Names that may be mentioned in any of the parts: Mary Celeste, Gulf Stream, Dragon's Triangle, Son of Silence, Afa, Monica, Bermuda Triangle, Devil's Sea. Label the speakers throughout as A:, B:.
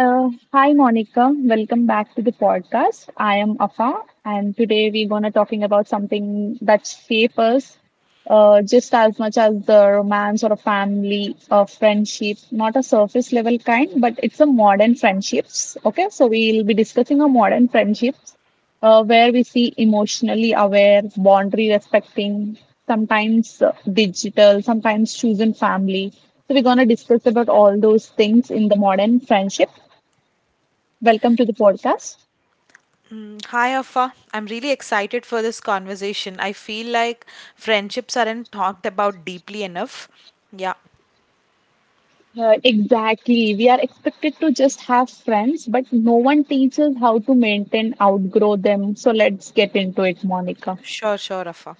A: Hi Monica, welcome back to the podcast. I am Afa, and today we're gonna talking about something that shapes us just as much as the romance or a family or friendship, not a surface level kind, but it's a modern friendships. Okay, so we'll be discussing a modern friendships where we see emotionally aware, boundary respecting, sometimes digital, sometimes chosen family. So we're gonna discuss about all those things in the modern friendship. Welcome to the podcast.
B: Hi, Afa. I'm really excited for this conversation. I feel like friendships aren't talked about deeply enough. Yeah,
A: Exactly. We are expected to just have friends, but no one teaches how to maintain, outgrow them. So let's get into it, Monica.
B: sure, Afa.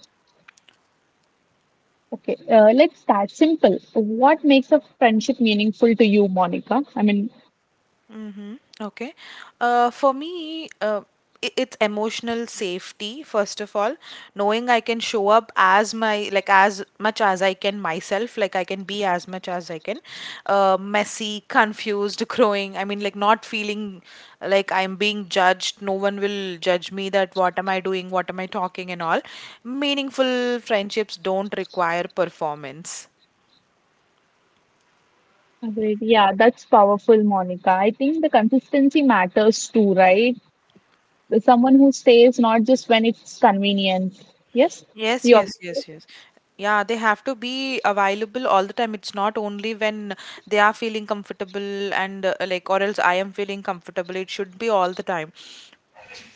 A: Okay, let's start simple. What makes a friendship meaningful to you, Monica?
B: Okay. For me, it's emotional safety, first of all, knowing I can show up as my, like, as much as I can myself, like, I can be as much as I can, messy, confused, growing. I mean, like, not feeling like I'm being judged. No one will judge me that what am I doing, what am I talking, and all. Meaningful friendships don't require performance.
A: Great. Yeah, that's powerful, Monica. I think the consistency matters too, right? Someone who stays not just when it's convenient. Yes,
B: Yes,
A: you
B: yes,
A: agree?
B: yes, yes. Yeah, they have to be available all the time. It's not only when they are feeling comfortable and like, or else I am feeling comfortable. It should be all the time.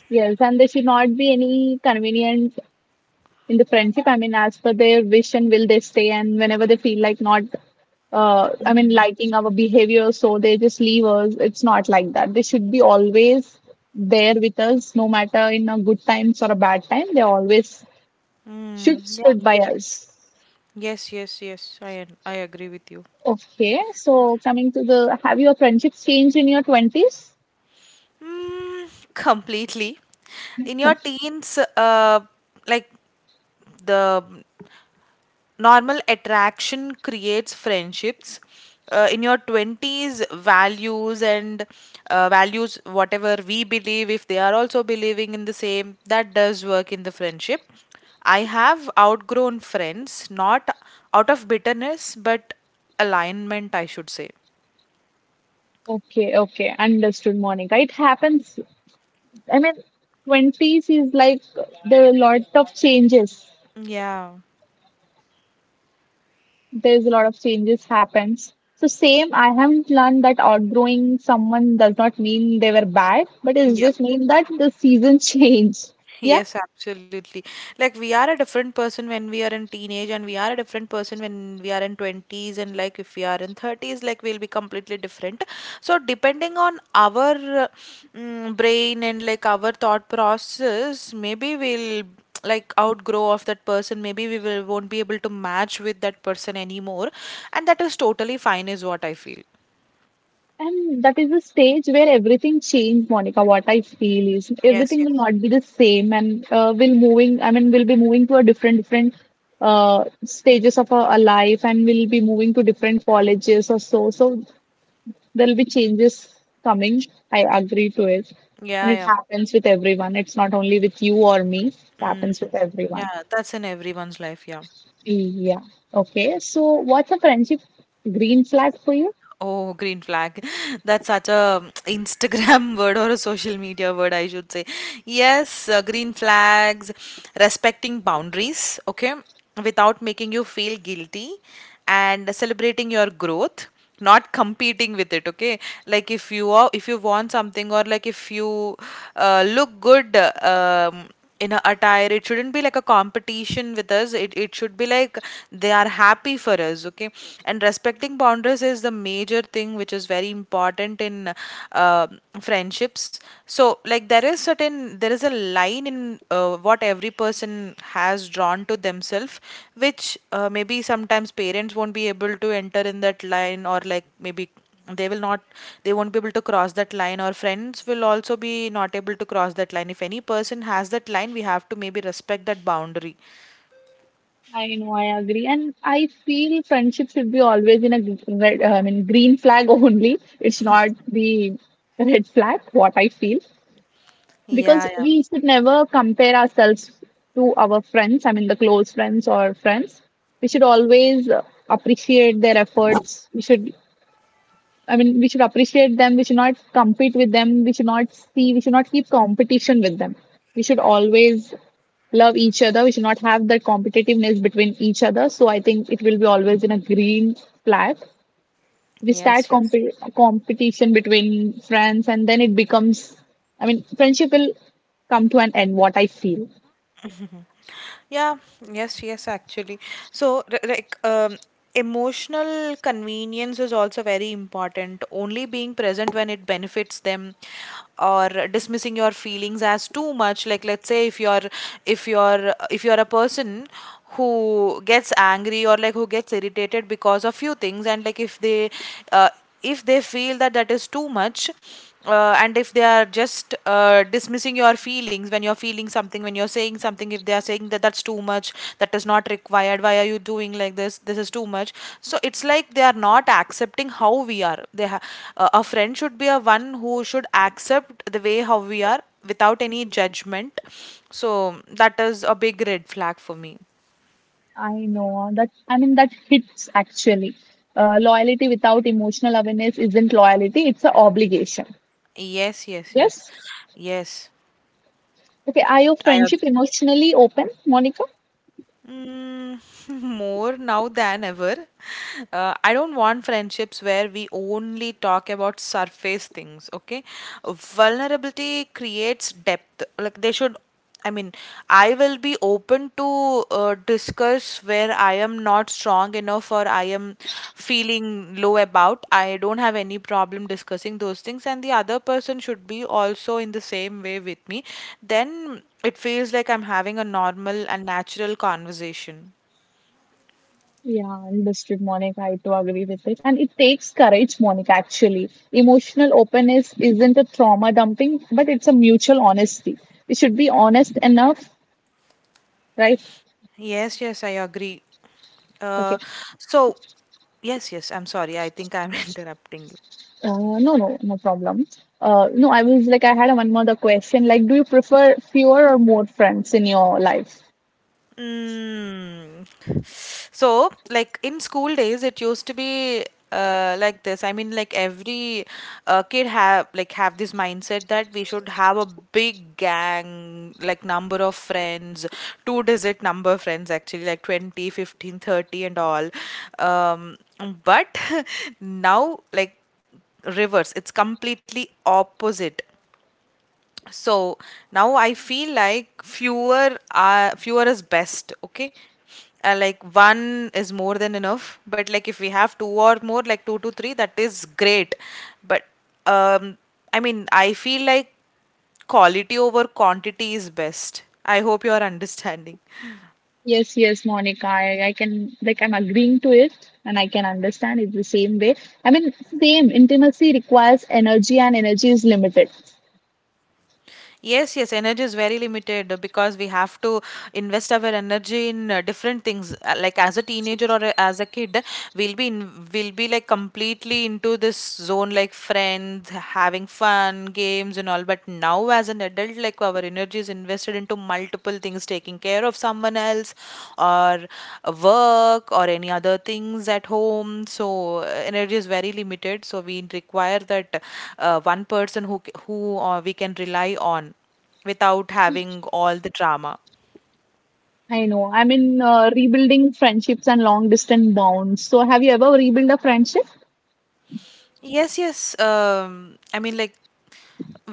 A: Yes, and there should not be any convenient in the friendship. I mean, as per their wish and will they stay, and whenever they feel like not I mean liking our behavior, so they just leave us. It's not like that. They should be always there with us, no matter in a good times or a bad time they always should
B: Mm, yeah.
A: stood by us.
B: Yes, yes, yes. I agree with you.
A: Okay, so coming to the have your friendships changed in your 20s.
B: Mm, completely. In your teens, like the normal attraction creates friendships, in your 20s values and values, whatever we believe, if they are also believing in the same, that does work in the friendship. I have outgrown friends, not out of bitterness but alignment, I should say.
A: Okay, okay, understood, Monica. It happens. I mean, twenties is like there are a lot of changes,
B: Yeah,
A: there's a lot of changes happens. So same, I have learned that outgrowing someone does not mean they were bad, but it
B: yeah.
A: just means that the season changed. Yeah,
B: Yes, absolutely. Like, we are a different person when we are in teenage, and we are a different person when we are in 20s, and like if we are in 30s, like we'll be completely different. So depending on our brain and like our thought process, maybe we'll like outgrow of that person, maybe we will won't be able to match with that person anymore, and that is totally fine, is what I feel.
A: and that is the stage where everything changed, Monica. What I feel is
B: Yes,
A: everything will
B: yes.
A: not be the same, and we'll moving, I mean we'll be moving to a different stages of our life, and we'll be moving to different colleges or so. So there'll be changes coming. I agree to it. And
B: Yeah,
A: it
B: yeah.
A: happens with everyone. It's not only with you or me, it happens with everyone.
B: Yeah, that's in everyone's life, yeah.
A: Yeah. Okay. So, what's a friendship green flag for you?
B: Oh, green flag. That's such a Instagram word, or a social media word, I should say. Yes, green flags, respecting boundaries, okay, without making you feel guilty, and celebrating your growth, not competing with it. Okay, like if you are, if you want something, or like if you look good in a attire, it shouldn't be like a competition with us. It should be like they are happy for us. Okay, and respecting boundaries is the major thing, which is very important in uh, friendships. So like there is certain, there is a line in what every person has drawn to themselves, which maybe sometimes parents won't be able to enter in that line, or like maybe they will not, they won't be able to cross that line, or friends will also be not able to cross that line. If any person has that line, we have to maybe respect that boundary.
A: I know, I agree. And I feel friendship should be always in a red, I mean, green flag only. It's not the red flag, what I feel. Because
B: Yeah, yeah.
A: we should never compare ourselves to our friends. I mean, the close friends or friends, we should always appreciate their efforts. We should, I mean, we should appreciate them. We should not compete with them. We should not see, we should not keep competition with them. We should always love each other. We should not have that competitiveness between each other. So I think it will be always in a green flag. We start
B: Yes, yes.
A: competition between friends, and then it becomes, I mean, friendship will come to an end, what I feel.
B: Yeah, yes, yes, actually. So, r- like, emotional convenience is also very important. Only being present when it benefits them, or dismissing your feelings as too much. Like, let's say if you're, if you're a person who gets angry, or like who gets irritated because of few things, and like uh, if they feel that that is too much, and if they are just dismissing your feelings when you're feeling something, when you're saying something, if they are saying that that's too much, that is not required, why are you doing like this is too much. So it's like they are not accepting how we are. A friend should be a one who should accept the way how we are without any judgment. So that is a big red flag for me.
A: I know that. I mean, that hits actually. Loyalty without emotional awareness isn't loyalty, it's an obligation.
B: Yes, yes, yes,
A: Yes.
B: yes,
A: Okay, are your
B: I
A: friendship
B: agree.
A: emotionally open, Monica?
B: Mm, more now than ever. I don't want friendships where we only talk about surface things, okay? Vulnerability creates depth. Like, they should, I mean, I will be open to discuss where I am not strong enough, or I am feeling low about. I don't have any problem discussing those things, and the other person should be also in the same way with me. Then it feels like I'm having a normal and natural conversation.
A: Yeah, understood, Monica. I do agree with it. And it takes courage, Monica, actually. Emotional openness isn't a trauma dumping, but it's a mutual honesty. We should be honest enough, right?
B: Yes, yes, I agree.
A: Okay.
B: Uh, so, yes, yes, I'm sorry. I think I'm interrupting you.
A: No, no, no problem. No, I was like, I had one more the question. Like, do you prefer fewer or more friends in your life?
B: Mm. So, like in school days, it used to be like this. I mean, like every kid have this mindset that we should have a big gang, like number of friends, two digit number friends actually, like 20, 15, 30, and all. But now, like reverse, it's completely opposite. So now I feel like fewer is best. Okay, like one is more than enough, but like if we have two or more, like two to three, that is great. But um I mean I feel like quality over quantity is best. I hope you are understanding.
A: Yes, yes, Monica. I can like I'm agreeing to it, and I can understand it the same way. I mean, same intimacy requires energy and energy is limited.
B: Yes, yes, energy is very limited, because we have to invest our energy in different things. Like as a teenager, or as a kid, we'll be like completely into this zone, like friends, having fun, games, and all. But now, as an adult, like our energy is invested into multiple things, taking care of someone else, or work, or any other things at home. So energy is very limited, so we require that one person who we can rely on without having all the drama.
A: I know. I mean, rebuilding friendships and long distance bonds. So, have you ever rebuilt a friendship?
B: Yes, yes. I mean, like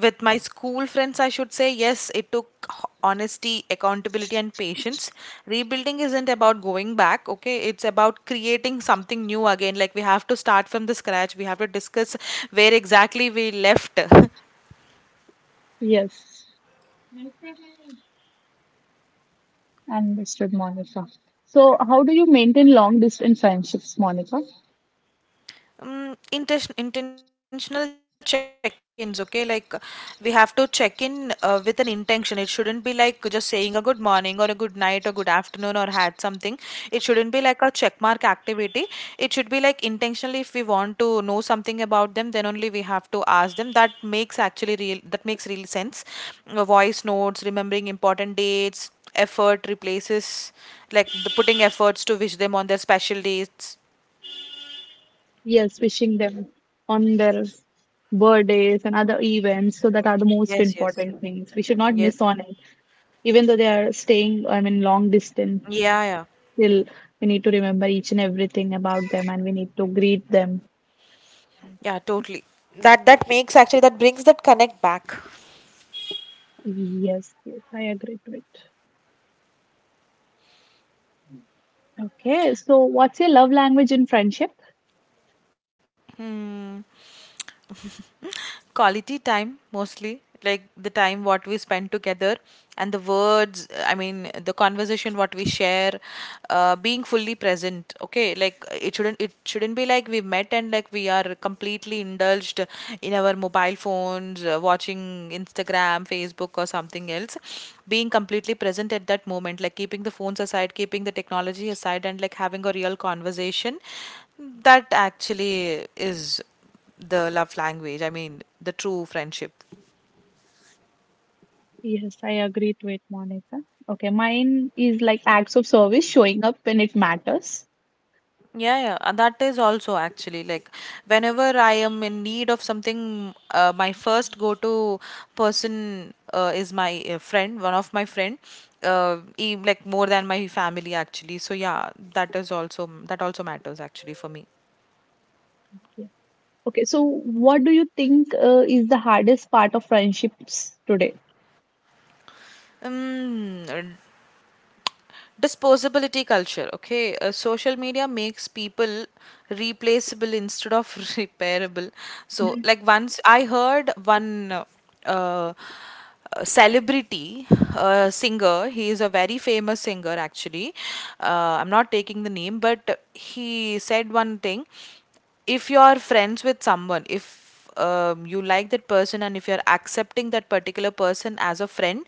B: with my school friends, I should say, yes, it took honesty, accountability, and patience. Rebuilding isn't about going back, okay? It's about creating something new again. Like, we have to start from the scratch. We have to discuss where exactly we left.
A: Yes, understood, Monica. So, how do you maintain long distance friendships, Monica?
B: Intentional check-ins. Okay, like we have to check in with an intention. It shouldn't be like just saying a good morning, or a good night, or good afternoon, or had something. It shouldn't be like a check mark activity. It should be like intentionally, if we want to know something about them, then only we have to ask them. That makes actually real, that makes real sense. Voice notes, remembering important dates, effort replaces, like the putting efforts to wish them on their special dates.
A: Yes, wishing them on their birthdays and other events, so that are the most
B: Yes, yes,
A: important things. We should not miss
B: yes.
A: on it, even though they are staying, I mean, long distance.
B: Yeah, yeah.
A: Still, we need to remember each and everything about them, and we need to greet them.
B: Yeah, totally. That makes actually, that brings that connect back.
A: Yes, yes, I agree to it. Okay, so what's your love language in friendship?
B: Quality time mostly, like the time what we spend together, and the words, I mean the conversation what we share. Uh, being fully present. Okay, like it shouldn't be like we met, and like we are completely indulged in our mobile phones, watching Instagram, Facebook, or something else. Being completely present at that moment, like keeping the phones aside, keeping the technology aside, and like having a real conversation. That actually is the love language, I mean the true friendship.
A: Yes, I agree to it, Monica. Okay, mine is like acts of service, showing up when it matters.
B: Yeah, yeah, that is also actually like whenever I am in need of something, my first go-to person is my friend, one of my friend, uh, like more than my family actually. So yeah, that is also, that also matters actually for me.
A: Yes. Okay, so what do you think is the hardest part of friendships today?
B: Um, disposability culture. Okay, social media makes people replaceable instead of repairable. So like once I heard one uh, celebrity singer, he is a very famous singer actually, I'm not taking the name, but he said one thing. If you're friends with someone, if you like that person, and if you're accepting that particular person as a friend,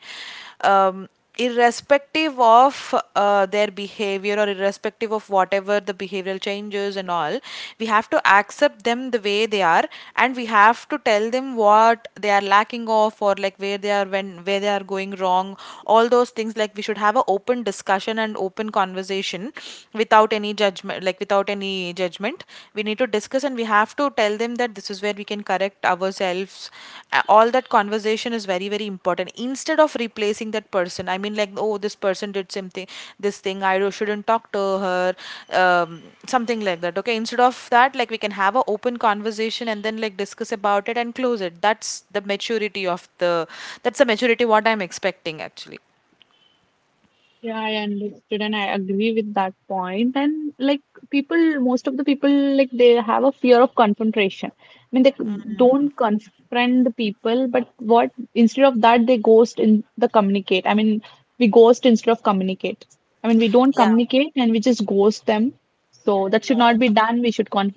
B: um, irrespective of their behavior, or irrespective of whatever the behavioral changes and all, we have to accept them the way they are, and we have to tell them what they are lacking of, or like where they are, when where they are going wrong. All those things, like we should have an open discussion and open conversation, without any judgment, like without any judgment, we need to discuss, and we have to tell them that this is where we can correct ourselves. All that conversation is very very important, instead of replacing that person. I mean like, oh this person did something, this thing I shouldn't talk to her, um, something like that. Okay, instead of that, like we can have a open conversation, and then like discuss about it and close it. The maturity of the that's the maturity what I'm expecting actually.
A: Yeah, I understood and I agree with that point. And like people, most of the people, like they have a fear of confrontation. I mean, they don't confront the people, but what instead of that, they ghost in the communicate. I mean, we ghost instead of communicate. I mean, we don't
B: Yeah.
A: communicate and we just ghost them. So that should not be done. We should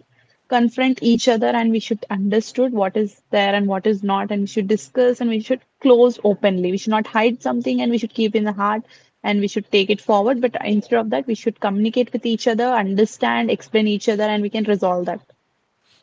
A: confront each other, and we should understood what is there and what is not, and we should discuss and we should close openly. We should not hide something and we should keep in the heart, and we should take it forward. But instead of that, we should communicate with each other, understand, explain each other, and we can resolve that.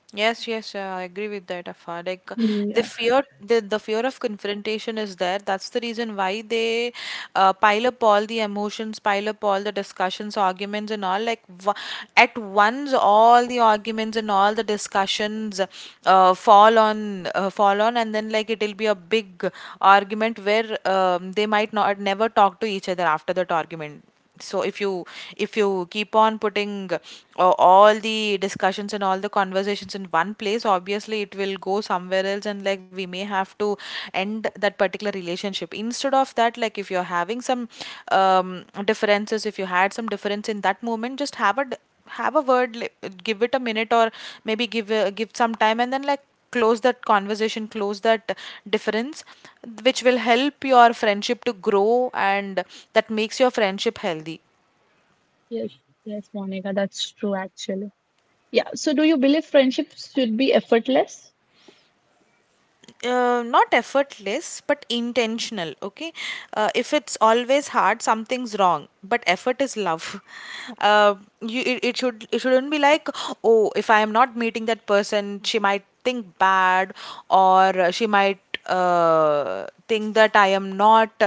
B: Yes, yes, yeah, I agree with that, Afa. Like
A: Yeah.
B: the fear of confrontation is there. That's the reason why they pile up all the emotions, pile up all the discussions, arguments, and all. Like, at once, all the arguments and all the discussions fall on, fall on, and then like it'll be a big argument where they might not never talk to each other after that argument. So if you keep on putting all the discussions and all the conversations in one place, obviously it will go somewhere else, and like we may have to end that particular relationship. Instead of that, like if you're having some differences, if you had some difference in that moment, just have a give it a minute, or maybe give some time, and then like close that conversation, close that difference, which will help your friendship to grow, and that makes your friendship healthy.
A: Yes. Yes, Monica, that's true actually. Yeah. So, do you believe friendships should be effortless?
B: Not effortless, but intentional. Okay. If it's always hard, something's wrong, but effort is love. uh, you, it shouldn't be like, oh, if I am not meeting that person, she might think bad, or she might think that I am not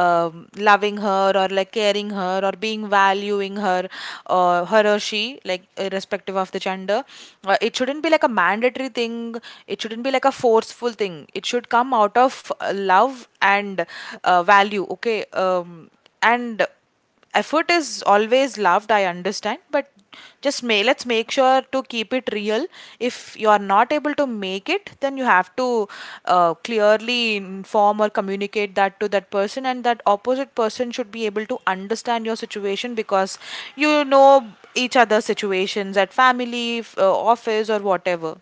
B: loving her, or like caring her, or being valuing her, her or she, like irrespective of the gender. It shouldn't be like a mandatory thing. It shouldn't be like a forceful thing. It should come out of love and value. Okay. And effort is always loved, I understand, but just may let's make sure to keep it real. If you are not able to make it, then you have to clearly inform or communicate that to that person, and that opposite person should be able to understand your situation, because you know each other's situations at family, office, or whatever.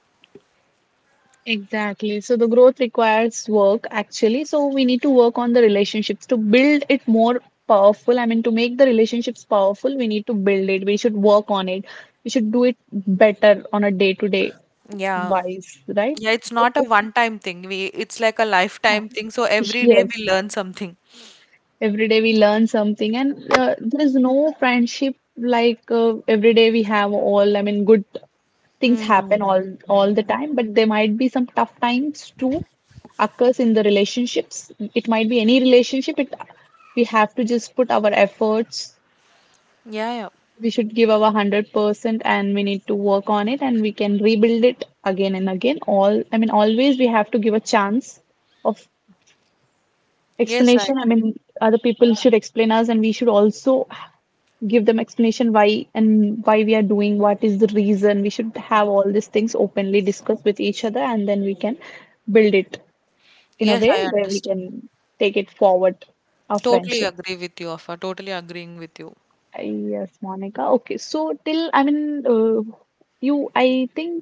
A: Exactly. So the growth requires work actually. So we need to work on the relationships to build it more powerful. I mean, to make the relationships powerful, we need to build it. We should work on it. We should do it better on a day to day
B: Yeah,
A: wise, right?
B: yeah, it's not a
A: Okay.
B: one time thing, we it's like a
A: Uh,
B: lifetime thing, so every day we
A: yes.
B: learn something.
A: Every day we learn something, and there is no friendship like every day we have all. I mean, good things happen
B: Mm.
A: all the time, but there might be some tough times too occurs in the relationships. It might be any relationship. It we have to just put our efforts.
B: Yeah, yeah.
A: We should give our 100%, and we need to work on it, and we can rebuild it again and again. All I mean, always we have to give a chance of
B: Yes, I
A: explanation. I
B: agree.
A: mean, other people should explain us, and we should also give them explanation why and why we are doing, what is the reason. We should have all these things openly discussed with each other, and then we can build it in a
B: Yes,
A: way
B: I
A: where we
B: understand.
A: can take it forward our
B: Totally
A: friendship.
B: agree with you, Afa. Totally agreeing with you.
A: Yes, Monica. Okay, so till I mean, you I think,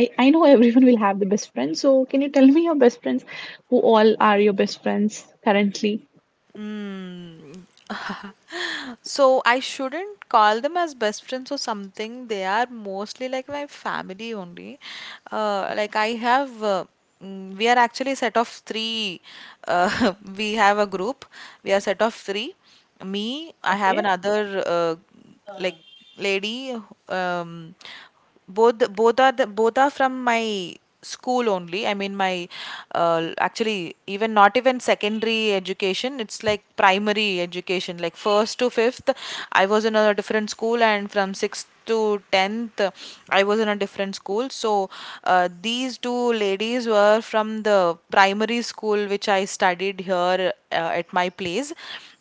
A: I know everyone will have the best friend, so can you tell me your best friends, who all are your best friends currently?
B: So I shouldn't call them as best friends or something. They are mostly like my family only. Like we are actually set of three. We have a group. We are set of three. Me, I have another. Like, lady, um both are the, both are from my school only. I mean, my actually, even not even secondary education, it's like primary education, like first to fifth. I was in a different school, and from sixth to 10th I was in a different school. So these two ladies were from the primary school which I studied here, at my place.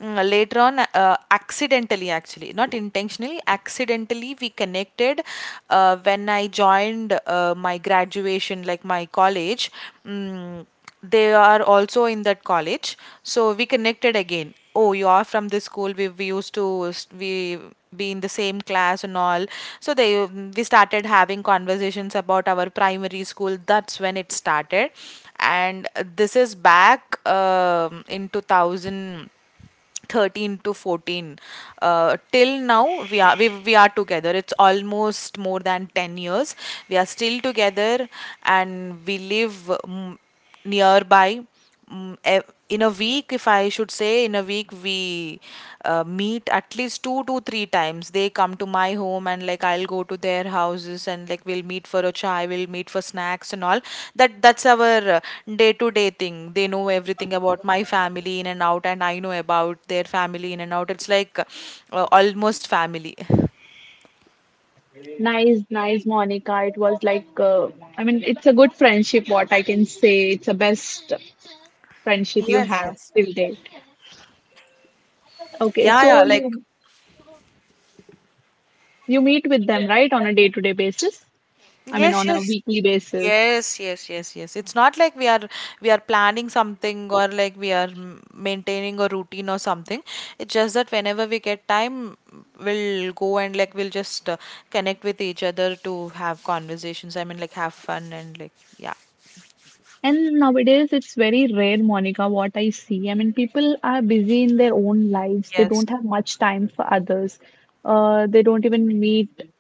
B: Mm, later on, accidentally, actually not intentionally, accidentally we connected when I joined my graduation, like my college. Mm, they are also in that college, so we connected again. Oh, you are from this school. We used to we be in the same class and all. So they we started having conversations about our primary school. That's when it started. And this is back, in 2000 13 to 14. Till now, we are together. It's almost more than 10 years. We are still together, and we live mm, nearby. Mm, in a week, if I should say, in a week we meet at least two to three times. They come to my home, and like I'll go to their houses, and like we'll meet for a chai, we'll meet for snacks and all. That's our day to day thing. They know everything about my family in and out, and I know about their family in and out. It's like, almost family.
A: Nice, nice, Monica. It was like I mean, it's a good friendship, what I can say. It's a best friendship you
B: Yes,
A: have
B: yes.
A: till date. Okay,
B: Yeah, yeah,
A: so
B: like.
A: you meet with them right on a day to day basis. I mean
B: Yes,
A: on a
B: yes.
A: weekly basis.
B: Yes, yes, yes, yes. It's not like we are planning something, or like we are maintaining a routine or something. It's just that whenever we get time, we'll go and like we'll just connect with each other to have conversations. I mean, like have fun and like yeah.
A: And nowadays it's very rare, Monica, what I see. I mean people are busy in their own lives. They
B: Yes.
A: don't have much time for others. They don't even meet.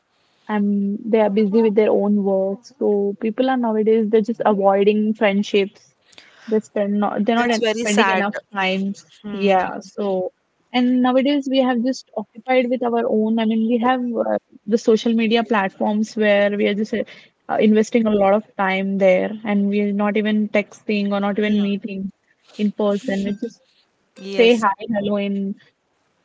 A: They are busy with their own work. So people are nowadays they're just avoiding friendships, they spend not they're not
B: That's very
A: spending
B: sad.
A: enough time. Yeah, so and nowadays we have just occupied with our own, I mean we have uh, the social media platforms where we are just investing a lot of time there, and we are not even texting or not even meeting in person. We just say
B: Yes.
A: hi hello in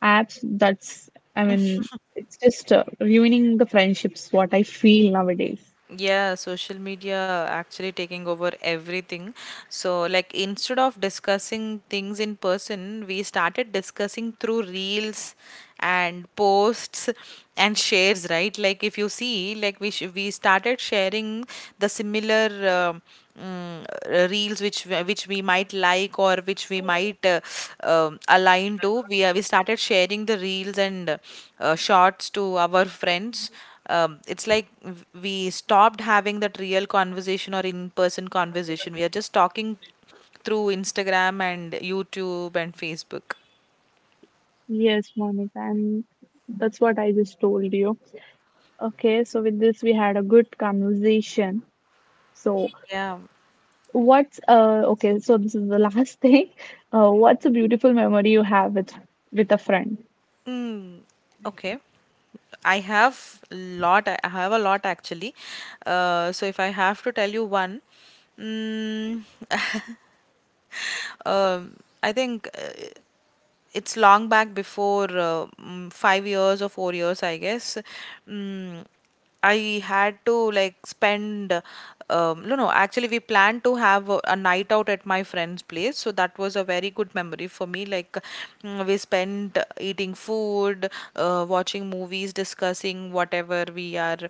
A: apps. That's, I mean, it's just ruining the friendships, what I feel nowadays.
B: Yeah, social media actually taking over everything. So, like, instead of discussing things in person, we started discussing through reels and posts and shares, right? Like, if you see, like, we started sharing the similar reels which we might like, or which we might align to. We started sharing the reels and shots to our friends. It's like we stopped having that real conversation or in person conversation. We are just talking through Instagram and YouTube and Facebook.
A: Yes, Monica, and that's what I just told you. Okay, so with this, we had a good conversation. So,
B: Yeah.
A: what's okay, so this is the last thing. What's a beautiful memory you have with a friend?
B: Mm, okay. I have a lot actually. So if I have to tell you one, mm, Um, I think it's long back, before 5 years or 4 years, I guess. Mm, I had to like spend. No, no. Actually, we planned to have a night out at my friend's place, so that was a very good memory for me. Like, we spent eating food, watching movies, discussing whatever we are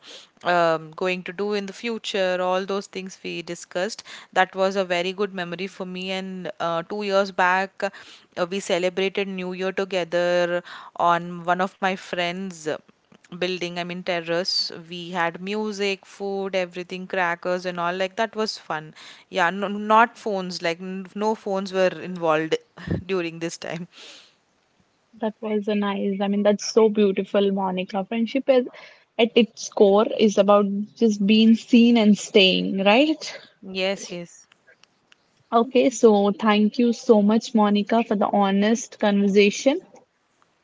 B: going to do in the future, all those things we discussed. That was a very good memory for me. And 2 years back, we celebrated New Year together on one of my friends' building, I mean, terrace. We had music, food, everything, crackers, and all. Like, that was fun. Yeah, no, not phones, like, no phones were involved during this time.
A: That was a nice. I mean, that's so beautiful, Monica. Friendship is at its core is about just being seen and staying, right?
B: Yes, yes.
A: Okay, so thank you so much, Monica, for the honest conversation.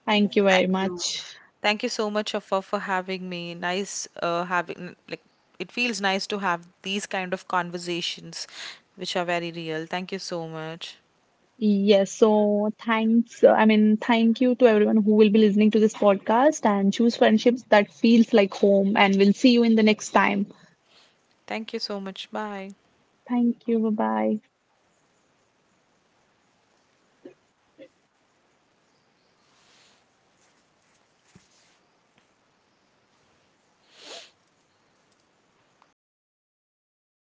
A: Thank you very
B: Thank you.
A: much.
B: Thank you so much for having me. Nice having, like, it feels nice to have these kind of conversations which are very real. Thank you so much.
A: Yes, so thanks. I mean, thank you to everyone who will be listening to this podcast and choose friendships that feels like home. And we'll see you in the next time.
B: Thank you so much. Bye.
A: Thank you. Bye bye.